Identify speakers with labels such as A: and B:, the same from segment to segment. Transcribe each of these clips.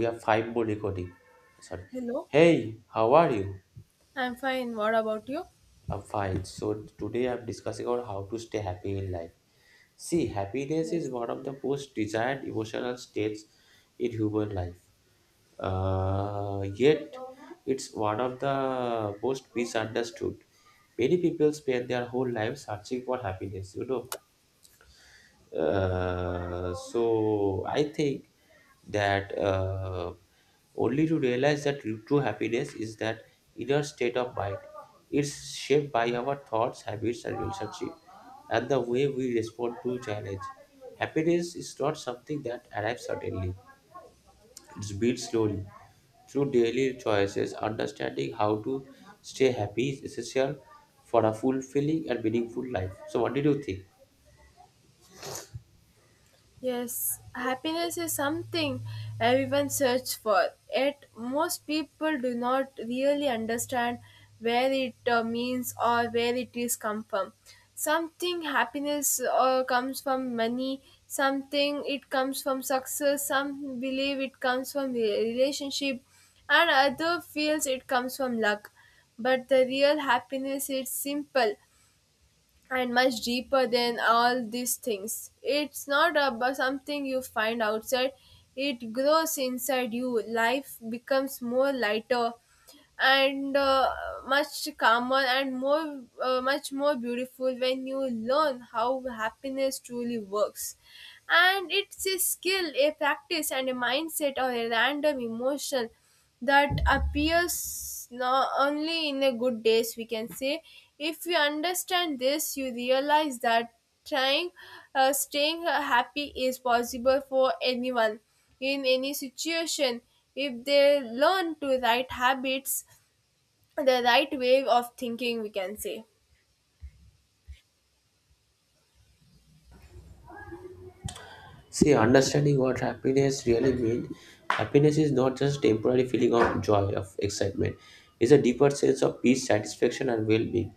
A: We have five more recording. Sorry.
B: Hello.
A: Hey, how are you?
B: I'm fine. What about you?
A: I'm fine. So today I'm discussing on how to stay happy in life. See, happiness is
B: Yes.
A: one of the most desired emotional states in human life. Yet, it's one of the most misunderstood. Many people spend their whole lives searching for happiness. So, I think that only to realize that true happiness is that inner state of mind. It's shaped by our thoughts, habits, and relationship, and the way we respond to challenge. Happiness is not something that arrives suddenly. It's built slowly through daily choices. Understanding how to stay happy is essential for a fulfilling and meaningful life. So, what did you think?
B: Yes, happiness is something everyone searches for. Yet most people do not really understand where it means or where it is come from. Something happiness comes from money. Something it comes from success. Some believe it comes from relationship, and other feels it comes from luck. But the real happiness is simple and much deeper than all these things. It's not about something you find outside, it grows inside you. Life becomes more lighter and much calmer and more much more beautiful when you learn how happiness truly works, and it's a skill, a practice, and a mindset or a random emotion that appears not only in a good days, we can say. If you understand this, you realize that trying staying happy is possible for anyone in any situation if they learn to right habits, the right way of thinking, we can say.
A: See, understanding what happiness really means, happiness is not just temporary feeling of joy, of excitement. It's a deeper sense of peace, satisfaction, and well-being.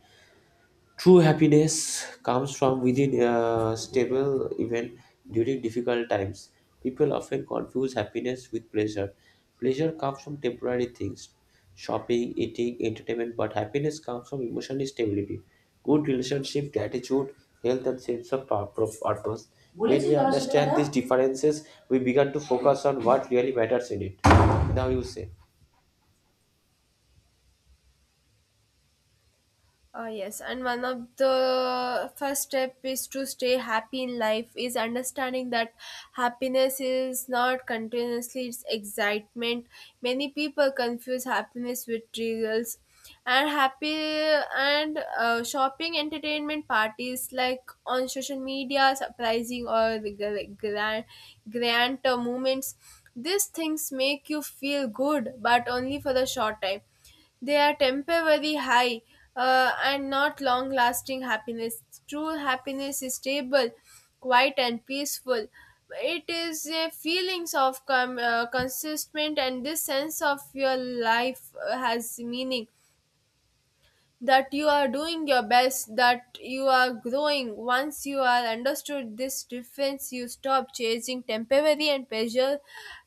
A: True happiness comes from within a stable even during difficult times. People often confuse happiness with pleasure. Pleasure comes from temporary things, shopping, eating, entertainment, but happiness comes from emotional stability, good relationship, gratitude, health, and sense of purpose. When we understand these differences, we begin to focus on what really matters in it. Now you say.
B: Oh, yes, and one of the first step is to stay happy in life is understanding that happiness is not continuously it's excitement. Many people confuse happiness with thrills, and happy and shopping entertainment parties like on social media, surprising or the grand moments. These things make you feel good, but only for the short time. They are temporary high, and not long lasting happiness. True happiness is stable, quiet, and peaceful. It is a feelings of consistent, and this sense of your life has meaning, that you are doing your best, that you are growing. Once you are understood this difference, you stop chasing temporary and pleasure.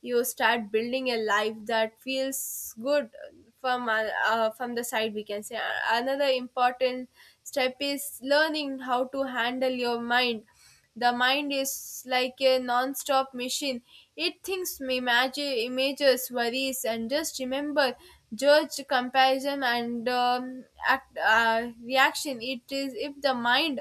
B: You start building a life that feels good from the side, we can say. Another important step is learning how to handle your mind. The mind is like a non-stop machine. It thinks images, worries, and just remember, judge, comparison, and act, reaction. It is if the mind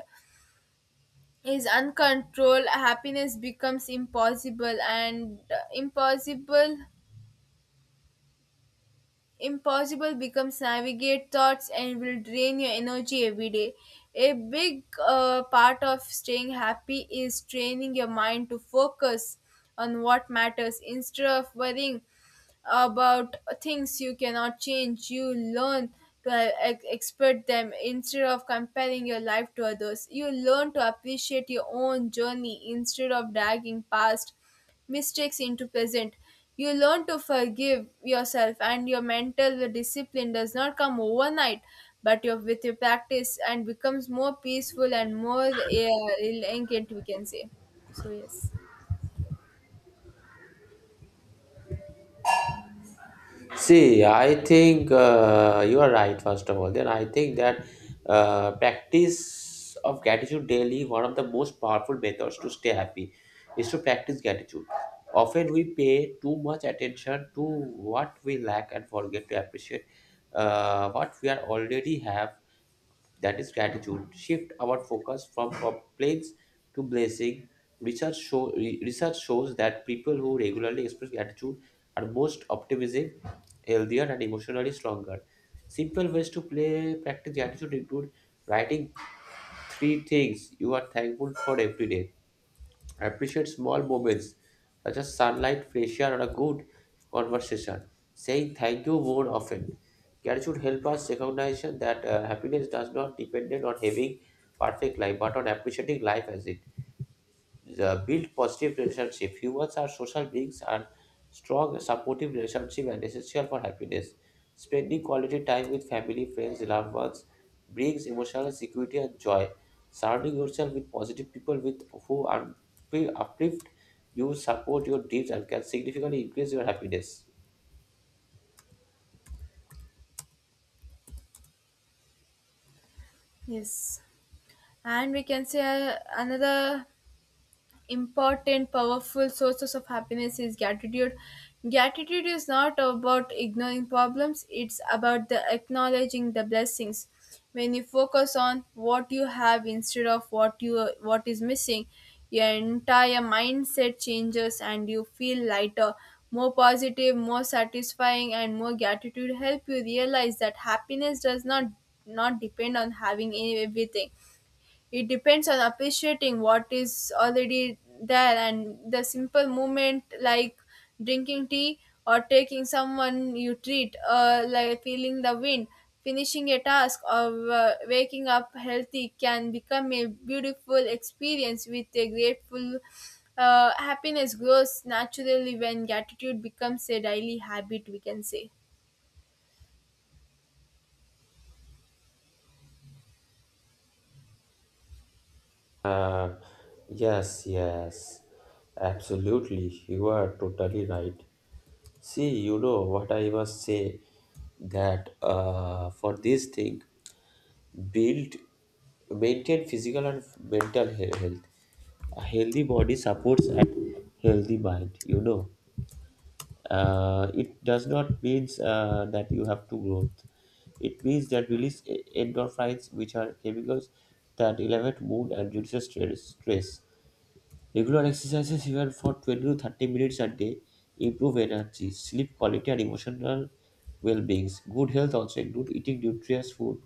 B: is uncontrolled, happiness becomes impossible, and impossible becomes navigate thoughts and will drain your energy every day. A big part of staying happy is training your mind to focus on what matters instead of worrying about things you cannot change. You learn to expect them instead of comparing your life to others. You learn to appreciate your own journey instead of dragging past mistakes into present. You learn to forgive yourself, and your mental discipline does not come overnight, but your, with your practice and becomes more peaceful and more elegant, we can say. So yes,
A: See, I think you are right, first of all. Then I think that practice of gratitude daily, one of the most powerful methods to stay happy is to practice gratitude. Often we pay too much attention to what we lack and forget to appreciate what we are already have. That is gratitude. Shift our focus from complaints to blessing. Research shows that people who regularly express gratitude are most optimistic healthier, and emotionally stronger. Simple ways to play practice gratitude include writing three things you are thankful for every day. Appreciate small moments such as sunlight, fresh air, or a good conversation. Saying thank you more often. Gratitude help us recognize that happiness does not depend on having perfect life, but on appreciating life as it the build positive relationship. Humans are social beings and strong supportive relationship and essential for happiness. Spending quality time with family, friends, loved ones brings emotional security and joy. Surrounding yourself with positive people with who are uplift you, support your dreams and can significantly increase your happiness.
B: yes, and we can say, another important powerful sources of happiness is gratitude. Gratitude is not about ignoring problems, it's about the acknowledging the blessings. When you focus on what you have instead of what you what is missing, your entire mindset changes and you feel lighter, more positive, more satisfying, and more gratitude help you realize that happiness does not not depend on having everything. It depends on appreciating what is already there, and the simple movement like drinking tea or taking someone you treat like feeling the wind, finishing a task or waking up healthy can become a beautiful experience with a grateful. Happiness grows naturally when gratitude becomes a daily habit, we can say.
A: Uh, yes, yes, absolutely. You are totally right. See, you know what I was say that for this thing, build, maintain physical and mental health. A healthy body supports a healthy mind. You know, it does not means that you have to growth. It means that release endorphins, which are chemicals that elevate mood and reduce stress. Regular exercises, even for 20 to 30 minutes a day, improve energy, sleep quality, and emotional well-beings. Good health also include eating nutritious food,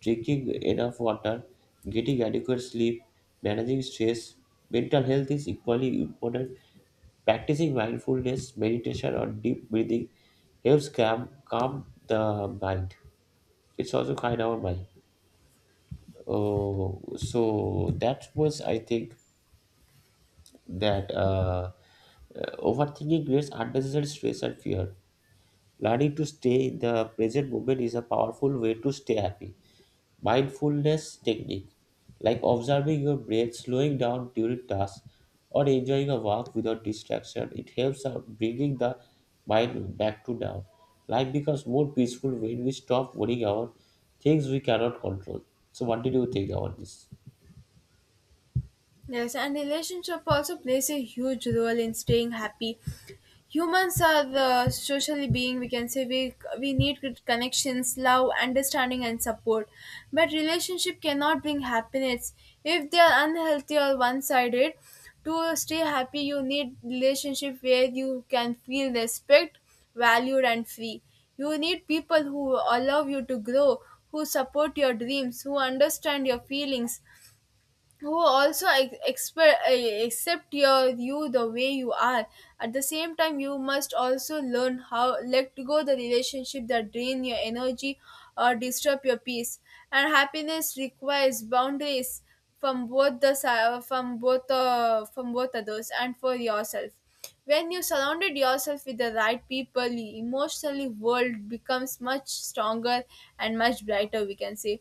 A: drinking enough water, getting adequate sleep, managing stress. Mental health is equally important. Practicing mindfulness, meditation, or deep breathing helps calm the mind. It's also kind our mind. Oh, so that was I think that overthinking creates unnecessary stress and fear. Learning to stay in the present moment is a powerful way to stay happy. Mindfulness technique, like observing your breath, slowing down during tasks, or enjoying a walk without distraction, it helps out bringing the mind back to now. Life becomes more peaceful when we stop worrying about things we cannot control. So, what did you think about this?
B: Yes, and relationship also plays a huge role in staying happy. Humans are the socially being. We can say we need good connections, love, understanding, and support. But relationship cannot bring happiness if they are unhealthy or one-sided. To stay happy, you need relationship where you can feel respect, valued, and free. You need people who allow you to grow, who support your dreams, who understand your feelings, who also accept your you the way you are. At the same time, you must also learn how let go the relationship that drain your energy or disturb your peace, and happiness requires boundaries from both the si- from both others and for yourself. When you surrounded yourself with the right people, emotionally world becomes much stronger and much brighter, we can say.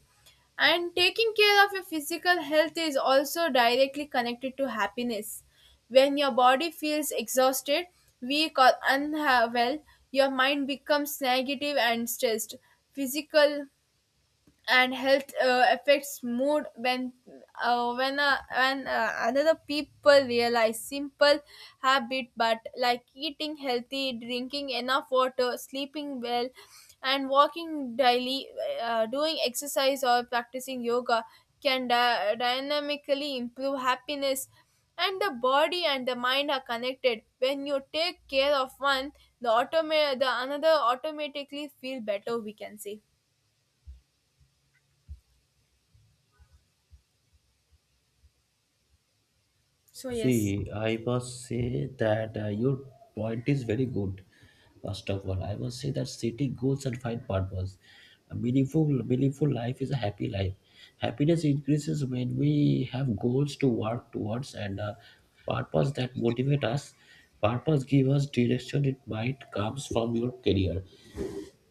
B: And taking care of your physical health is also directly connected to happiness. When your body feels exhausted, weak, or unwell, your mind becomes negative and stressed. Physical and health affects mood when another people realize simple habit but like eating healthy, drinking enough water, sleeping well, and walking daily, doing exercise or practicing yoga can dynamically improve happiness, and the body and the mind are connected. When you take care of one, the another automatically feel better, we can say. So yes,
A: See, I must say that your point is very good. First of all, I must say that setting goals and find purpose. A meaningful life is a happy life. Happiness increases when we have goals to work towards and purpose that motivate us. Purpose give us direction. It might comes from your career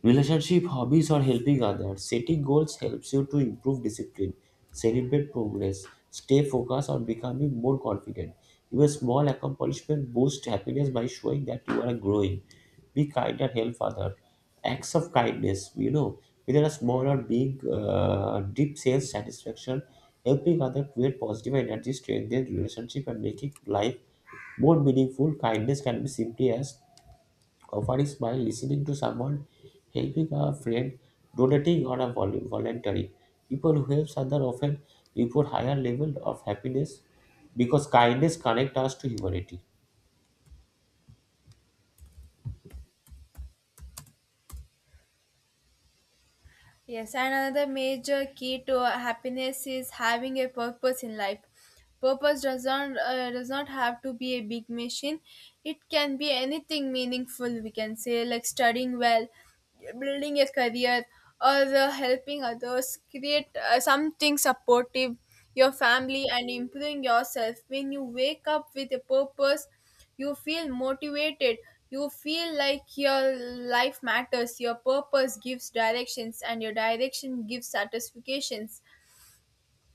A: Relationship, hobbies, or helping others. Setting goals helps you to improve discipline, celebrate progress, stay focused on becoming more confident. Even small accomplishment boost happiness by showing that you are growing. Be kind and help others. Acts of kindness, you know, whether a small or big, deep sense satisfaction, helping others create positive energy, strengthen relationship, and making life more meaningful. Kindness can be simply as Offer is by listening to someone, helping a friend, donating, or a voluntary. People who help others often report higher level of happiness because kindness connects us to humanity.
B: yes, and another major key to happiness is having a purpose in life. Purpose does not have to be a big mission. It can be anything meaningful. We can say, like studying well, building a career, or helping others. Create something supportive, your family, and improving yourself. When you wake up with a purpose, you feel motivated, you feel like your life matters. Your purpose gives directions and your direction gives satisfactions.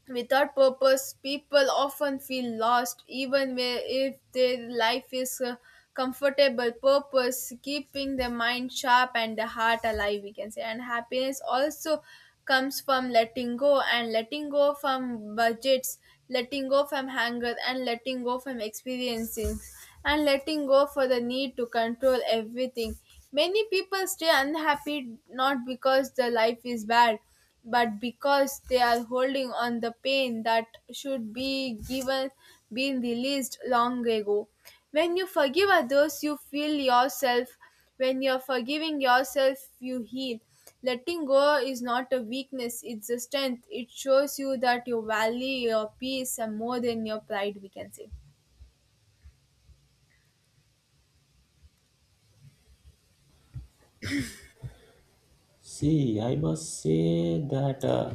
B: Without purpose, people often feel lost, even if their life is comfortable. Purpose, keeping the mind sharp and the heart alive, we can say. And happiness also comes from letting go, and letting go from budgets, letting go from hunger, and letting go from experiencing, and letting go for the need to control everything. Many people stay unhappy not because the life is bad but because they are holding on the pain that should be given been released long ago. When you forgive others, you feel yourself. When you're forgiving yourself, you heal. Letting go is not a weakness, it's a strength. It shows you that you value your peace and more than your pride, we can say.
A: See, I must say that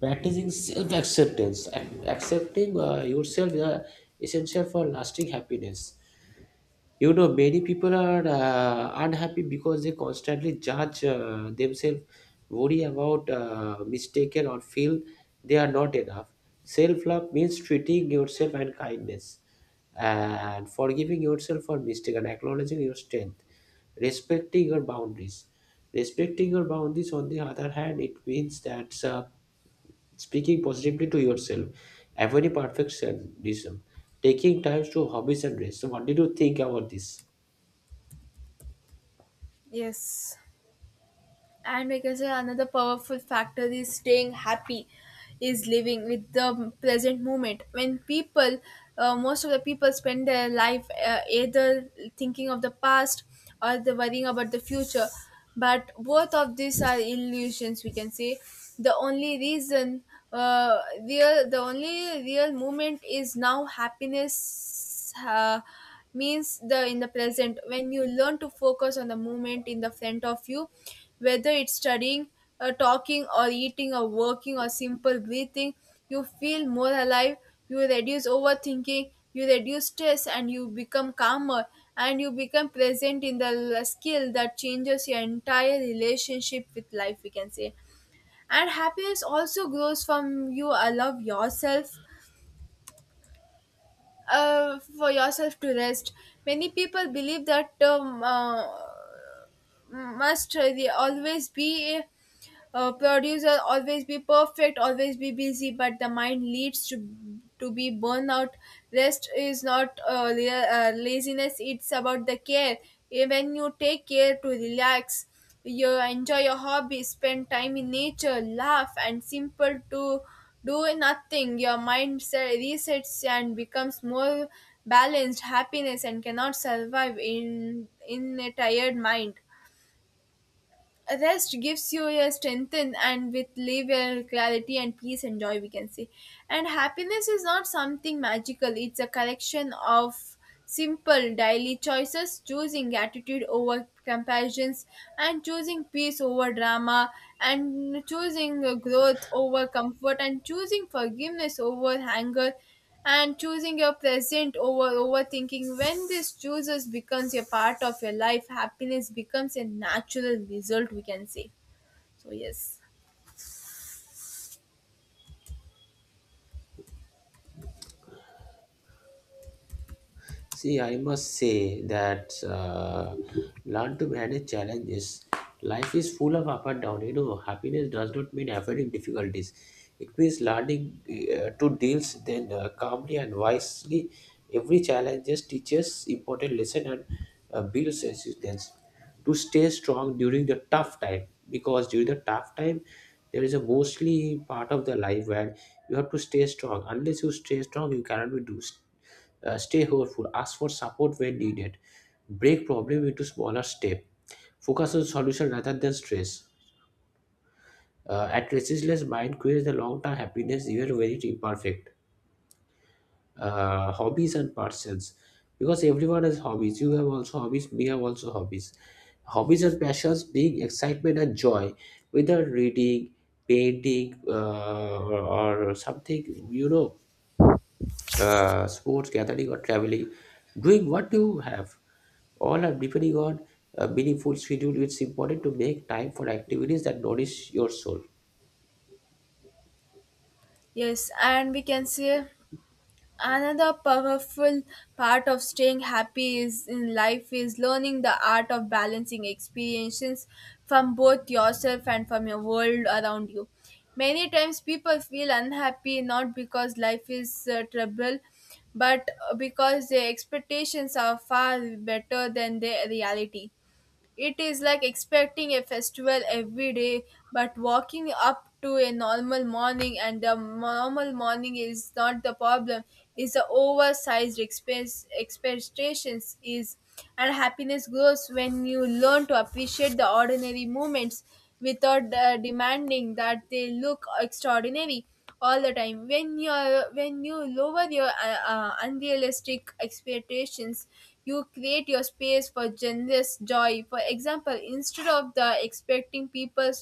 A: practicing self acceptance and accepting yourself is essential for lasting happiness. You know, many people are unhappy because they constantly judge themselves, worry about mistaken, or feel they are not enough. Self love means treating yourself and kindness, and forgiving yourself for mistake, and acknowledging your strength, respecting your boundaries. Respecting your boundaries, on the other hand, it means that speaking positively to yourself, avoiding perfectionism, taking time to hobbies and rest. So, what did you think about this?
B: Yes, and like I said, another powerful factor is staying happy, is living with the present moment. When people, most of the people spend their life either thinking of the past or they're worrying about the future. But both of these are illusions, we can say. The only reason, the only real moment is now. Happiness uh, means the in the present. When you learn to focus on the moment in the front of you, whether it's studying, talking or eating or working or simple breathing, you feel more alive. You reduce overthinking, you reduce stress, and you become calmer, and you become present in the skill that changes your entire relationship with life, we can say. And happiness also grows from you allow yourself for yourself to rest. Many people believe that must really always be a producer, always be perfect, always be busy, but the mind leads to be burnout. Rest is not laziness, it's about the care. Eh, when you take care to relax, you enjoy your hobby, spend time in nature, laugh and simple to do nothing, your mind resets and becomes more balanced. Happiness and cannot survive in a tired mind. Rest gives you your strength and with live your clarity and peace and joy, we can say. And happiness is not something magical, it's a collection of simple daily choices: choosing gratitude over comparisons, and choosing peace over drama, and choosing growth over comfort, and choosing forgiveness over anger, and choosing your present over overthinking. When this chooses becomes a part of your life, happiness becomes a natural result, we can say. So yes,
A: See, I must say that learn to manage challenges. Life is full of up and down. You know, happiness does not mean avoiding difficulties. It means learning to deal then calmly and wisely. Every challenge just teaches important lesson and builds resistance. To stay strong during the tough time, because during the tough time, there is a mostly part of the life where you have to stay strong. Unless you stay strong, you cannot be do stay hopeful, ask for support when needed, break problem into smaller steps, focus on solution rather than stress. At restless mind creates the long-term happiness even when it imperfect. Hobbies and passions, because everyone has hobbies. You have also hobbies. Me have also hobbies. Hobbies and passions bring excitement and joy, whether reading, painting, or something you know, sports, gathering, or traveling. Doing what you have All are deeply got a meaningful schedule. It's important to make time for activities that nourish your soul.
B: yes, and we can say, another powerful part of staying happy is in life is learning the art of balancing experiences from both yourself and from your world around you. Many times people feel unhappy not because life is trouble but because their expectations are far better than their reality. It is like expecting a festival every day, but walking up to a normal morning, and the normal morning is not the problem. Is the oversized expectations is, and happiness grows when you learn to appreciate the ordinary moments without demanding that they look extraordinary all the time. When you lower your unrealistic expectations, you create your space for generous joy. For example, instead of the expecting people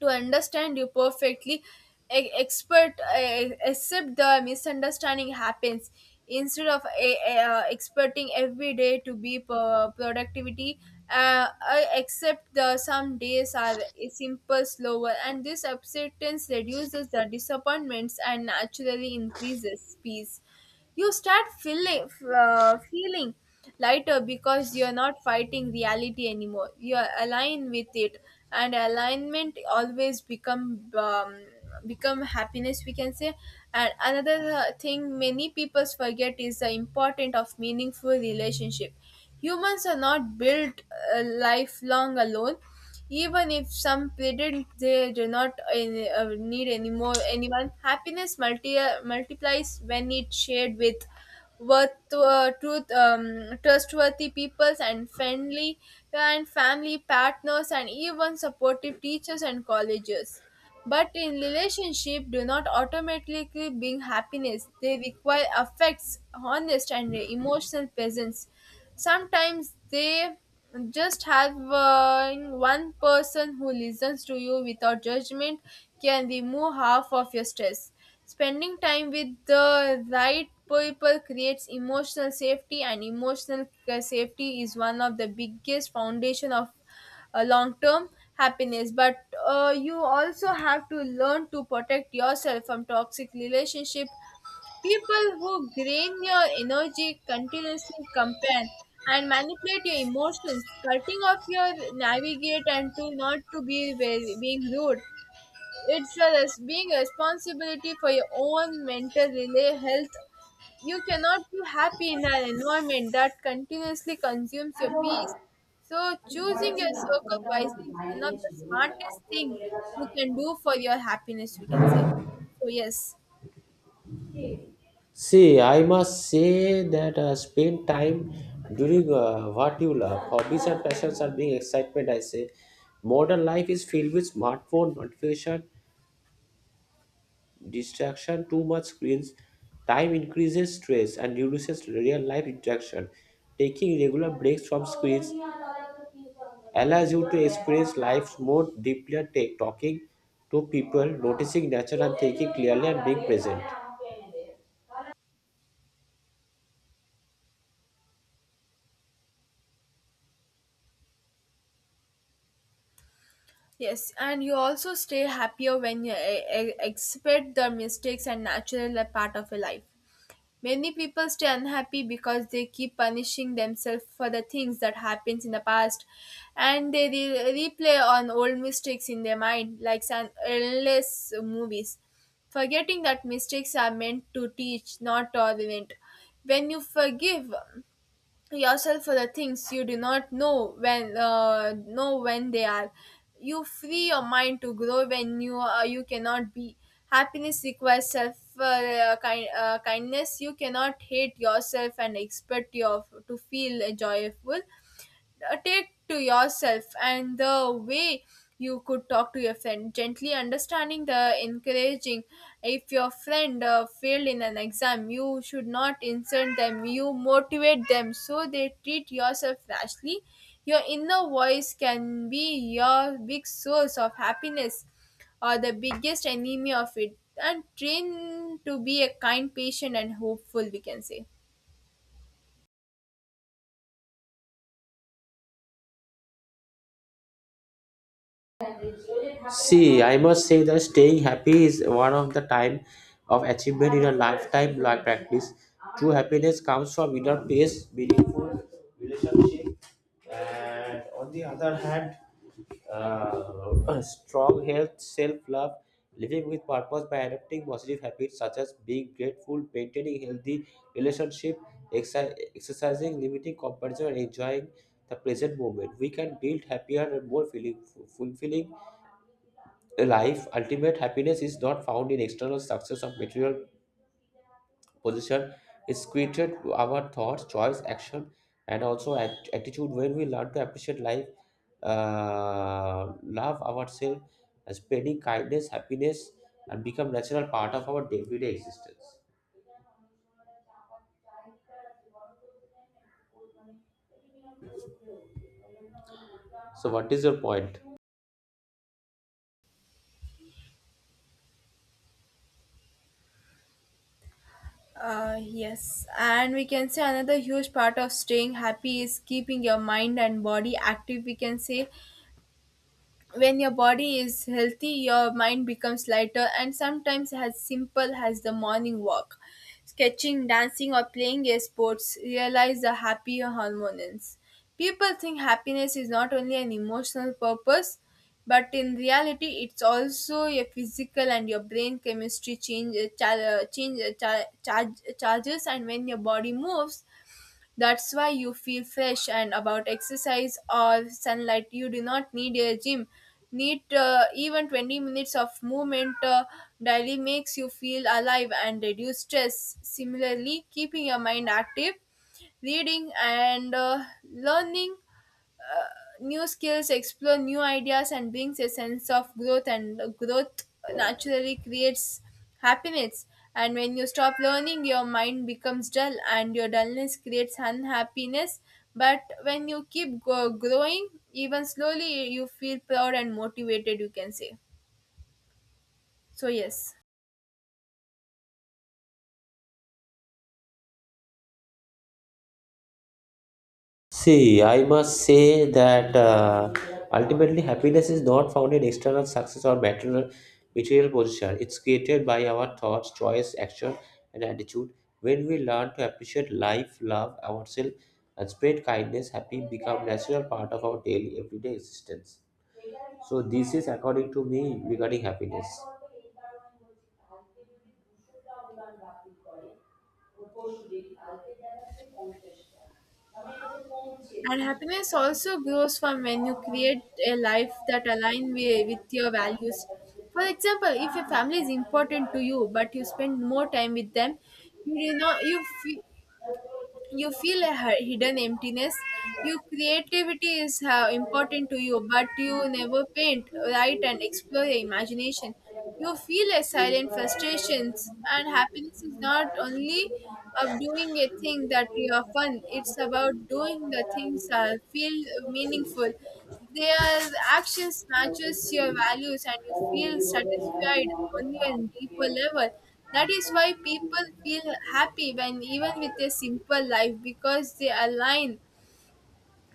B: to understand you perfectly, e- expert except the misunderstanding happens. Instead of experting every day to be productivity, I accept the some days are simple slower, and this acceptance reduces the disappointments and naturally increases peace. You start feeling lighter because you're not fighting reality anymore, you're aligned with it, and alignment always become become happiness, we can say. And another thing many people forget is the importance of meaningful relationship. Humans are not built lifelong alone. Even if some predict they do not any, need any more anyone, happiness multiplies when it's shared with worth, truth, trustworthy peoples and friendly and family partners and even supportive teachers and colleges. But in relationship, do not automatically bring happiness. They require affects, honest and emotional presence sometimes they just having one person who listens to you without judgment can remove half of your stress. Spending time with the right people creates emotional safety, and emotional safety is one of the biggest foundation of long term happiness. But you also have to learn to protect yourself from toxic relationship. People who drain your energy continuously compare and manipulate your emotions, cutting off your navigate and to not to be very, being rude. It's a being responsibility for your own mental health. You cannot be happy in an environment that continuously consumes your peace. So choosing your circle wisely is one of the smartest thing you can do for your happiness, we can say. So yes.
A: See, I must say that spend time during what you love. Hobbies and passions are being excitement, I say. Modern life is filled with smartphone notification distraction, too much screens time increases stress and reduces real life interaction. Taking regular breaks from screens allows you to experience life more deeply, and talking to people, noticing nature, and thinking clearly and being present.
B: Yes, and you also stay happier when you accept the mistakes and natural are part of your life. Many people stay unhappy because they keep punishing themselves for the things that happens in the past, and they replay on old mistakes in their mind, like some endless movies, forgetting that mistakes are meant to teach, not to prevent. When you forgive yourself for the things you do not know when know when they are, you free your mind to grow. When you you cannot be, happiness requires self kind, kindness. You cannot hate yourself and expect your to feel joyful. Take to yourself and the way you could talk to your friend gently, understanding the encouraging. If your friend failed in an exam you should not insult them, you motivate them, so they treat yourself rashly. Your inner voice can be your big source of happiness or the biggest enemy of it, and train to be a kind, patient and hopeful, we can say.
A: See, I must say that staying happy is one of the time of achievement in a lifetime life practice. True happiness comes from inner peace, meaningful relationship, and on the other hand, strong health, self-love, living with purpose by adopting positive habits such as being grateful, maintaining healthy relationship, exercising, limiting comparison, and enjoying the present moment. We can build happier and more feeling, fulfilling life, ultimate happiness is not found in external success of material position. It's created through our thoughts, choice, action, and also attitude. When we learn to appreciate life, love ourselves, and spreading kindness, happiness, and become natural part of our day-to-day existence. So, what is your point?
B: Yes, and we can say another huge part of staying happy is keeping your mind and body active, we can say. When your body is healthy your mind becomes lighter, and sometimes as simple as the morning walk, sketching, dancing or playing a sports realize the happier hormones. People think happiness is not only an emotional purpose, but in reality it's also a physical, and your brain chemistry change, cha- change cha- charge, charges. And when your body moves, that's why you feel fresh and about exercise or sunlight. You do not need a gym. Need even 20 minutes of movement daily makes you feel alive and reduce stress. Similarly, keeping your mind active, reading and learning new skills, explore new ideas and brings a sense of growth, and growth naturally creates happiness. And when you stop learning your mind becomes dull, and your dullness creates unhappiness. But when you keep growing even slowly you feel proud and motivated, you can say. So yes.
A: See, I must say that ultimately happiness is not found in external success or material position. It's created by our thoughts, choice, action, and attitude. When we learn to appreciate life, love ourselves, and spread kindness, happy become natural part of our daily everyday existence. So this is according to me regarding happiness.
B: And happiness also grows from when you create a life that aligns with your values. For example, if a family is important to you, but you spend more time with them, you know you feel a hidden emptiness. Your creativity is important to you, but you never paint, write and explore your imagination, you feel a silent frustrations. And happiness is not only of doing a thing that you are fun, it's about doing the things that feel meaningful. Their actions matches your values and you feel satisfied on your deeper level. That is why people feel happy when even with a simple life, because they align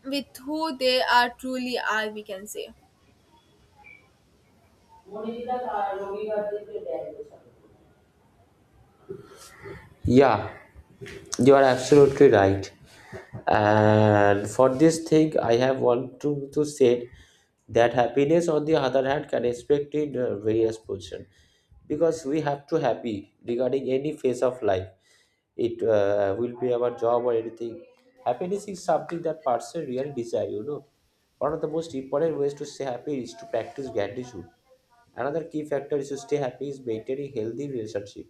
B: with who they are truly are, we can say.
A: Yeah, you are absolutely right. And for this thing, I have want to say that happiness, on the other hand, can expect in various position because we have to happy regarding any phase of life. It will be our job or anything. Happiness is something that person really desire. You know, one of the most important ways to stay happy is to practice gratitude. Another key factor is to stay happy is maintaining healthy relationship.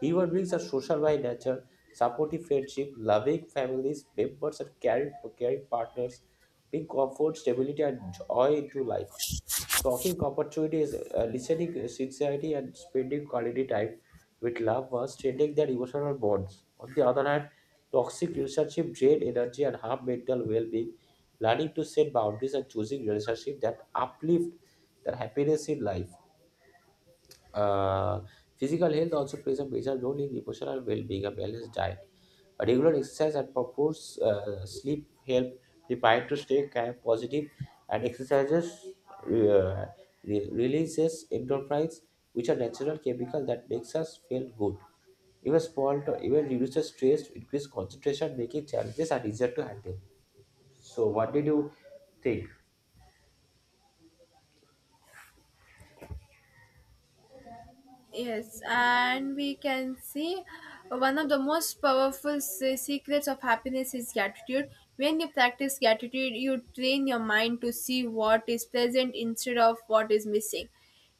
A: Human beings are social by nature. Supportive friendship, loving families, members, and caring partners bring comfort, stability, and joy into life. Talking opportunities, listening sincerity, and spending quality time with loved ones strengthening their emotional bonds. On the other hand, toxic relationship drain energy and harm mental well-being. Learning to set boundaries and choosing relationships that uplift their happiness in life uh, physical health also plays a major role in emotional well-being. A balanced diet, a regular exercise, and proper sleep help prepare to stay calm, positive, and exercises uh, releases endorphins, which are natural chemical that makes us feel good. Even reduces stress, increase concentration, making challenges and easier to handle. So, what did you think?
B: Yes, and we can see one of the most powerful secrets of happiness is gratitude. When you practice gratitude, you train your mind to see what is present instead of what is missing.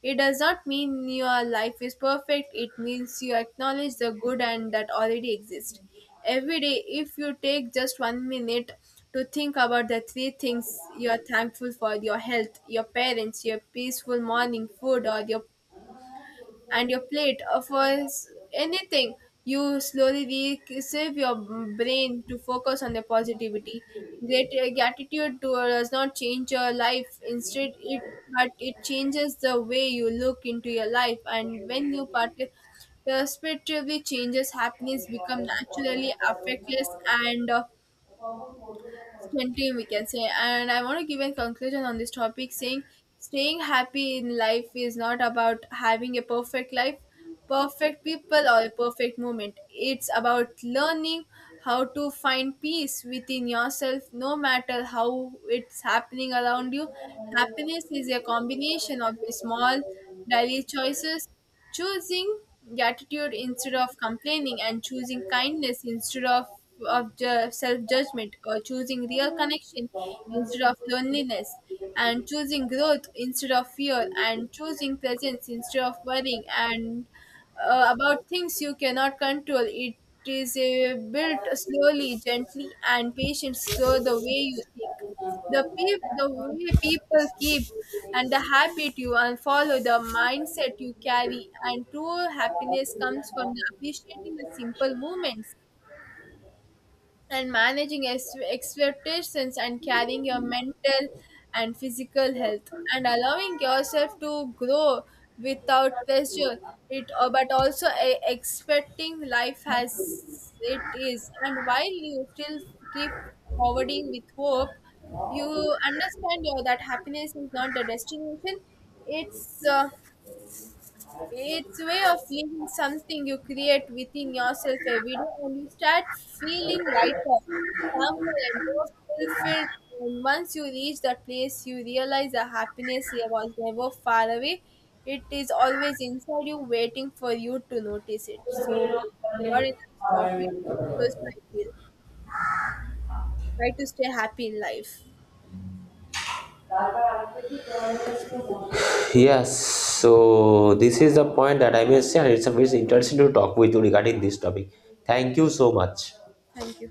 B: It does not mean your life is perfect, it means you acknowledge the good and that already exists. Every day, if you take just one minute to think about the three things you are thankful for, your health, your parents, your peaceful morning food, or your and your plate for anything, you slowly receive your brain to focus on the positivity. Great Gratitude does not change your life, instead it, but it changes the way you look into your life. And when you participate perspectively changes, happiness become naturally affectless and 20, we can say. And I want to give a conclusion on this topic, saying staying happy in life is not about having a perfect life, perfect people or a perfect moment. It's about learning how to find peace within yourself no matter how it's happening around you. Happiness is a combination of the small daily choices. Choosing gratitude instead of complaining, and choosing kindness instead of self judgment, or choosing real connection instead of loneliness, and choosing growth instead of fear, and choosing presence instead of worrying, and about things you cannot control. It is built slowly, gently, and patience. So the way you think, the way people keep, and the habit you follow, the mindset you carry, and true happiness comes from the appreciating the simple moments and managing expectations and carrying your mental and physical health and allowing yourself to grow without pressure. It But also expecting life as it is, and while you still keep forwarding with hope, you understand your that happiness is not the destination. it's uh, it's way of living, something you create within yourself every day, and you start feeling lighter, calmer, and more fulfilled. And once you reach that place, you realize the happiness here was never far away. It is always inside you, waiting for you to notice it. So, what is the topic to discuss? I feel try to stay happy in life.
A: Yes, so this is the point that I may say, and it's a very interesting to talk with you regarding this topic. Thank you so much.
B: Thank you.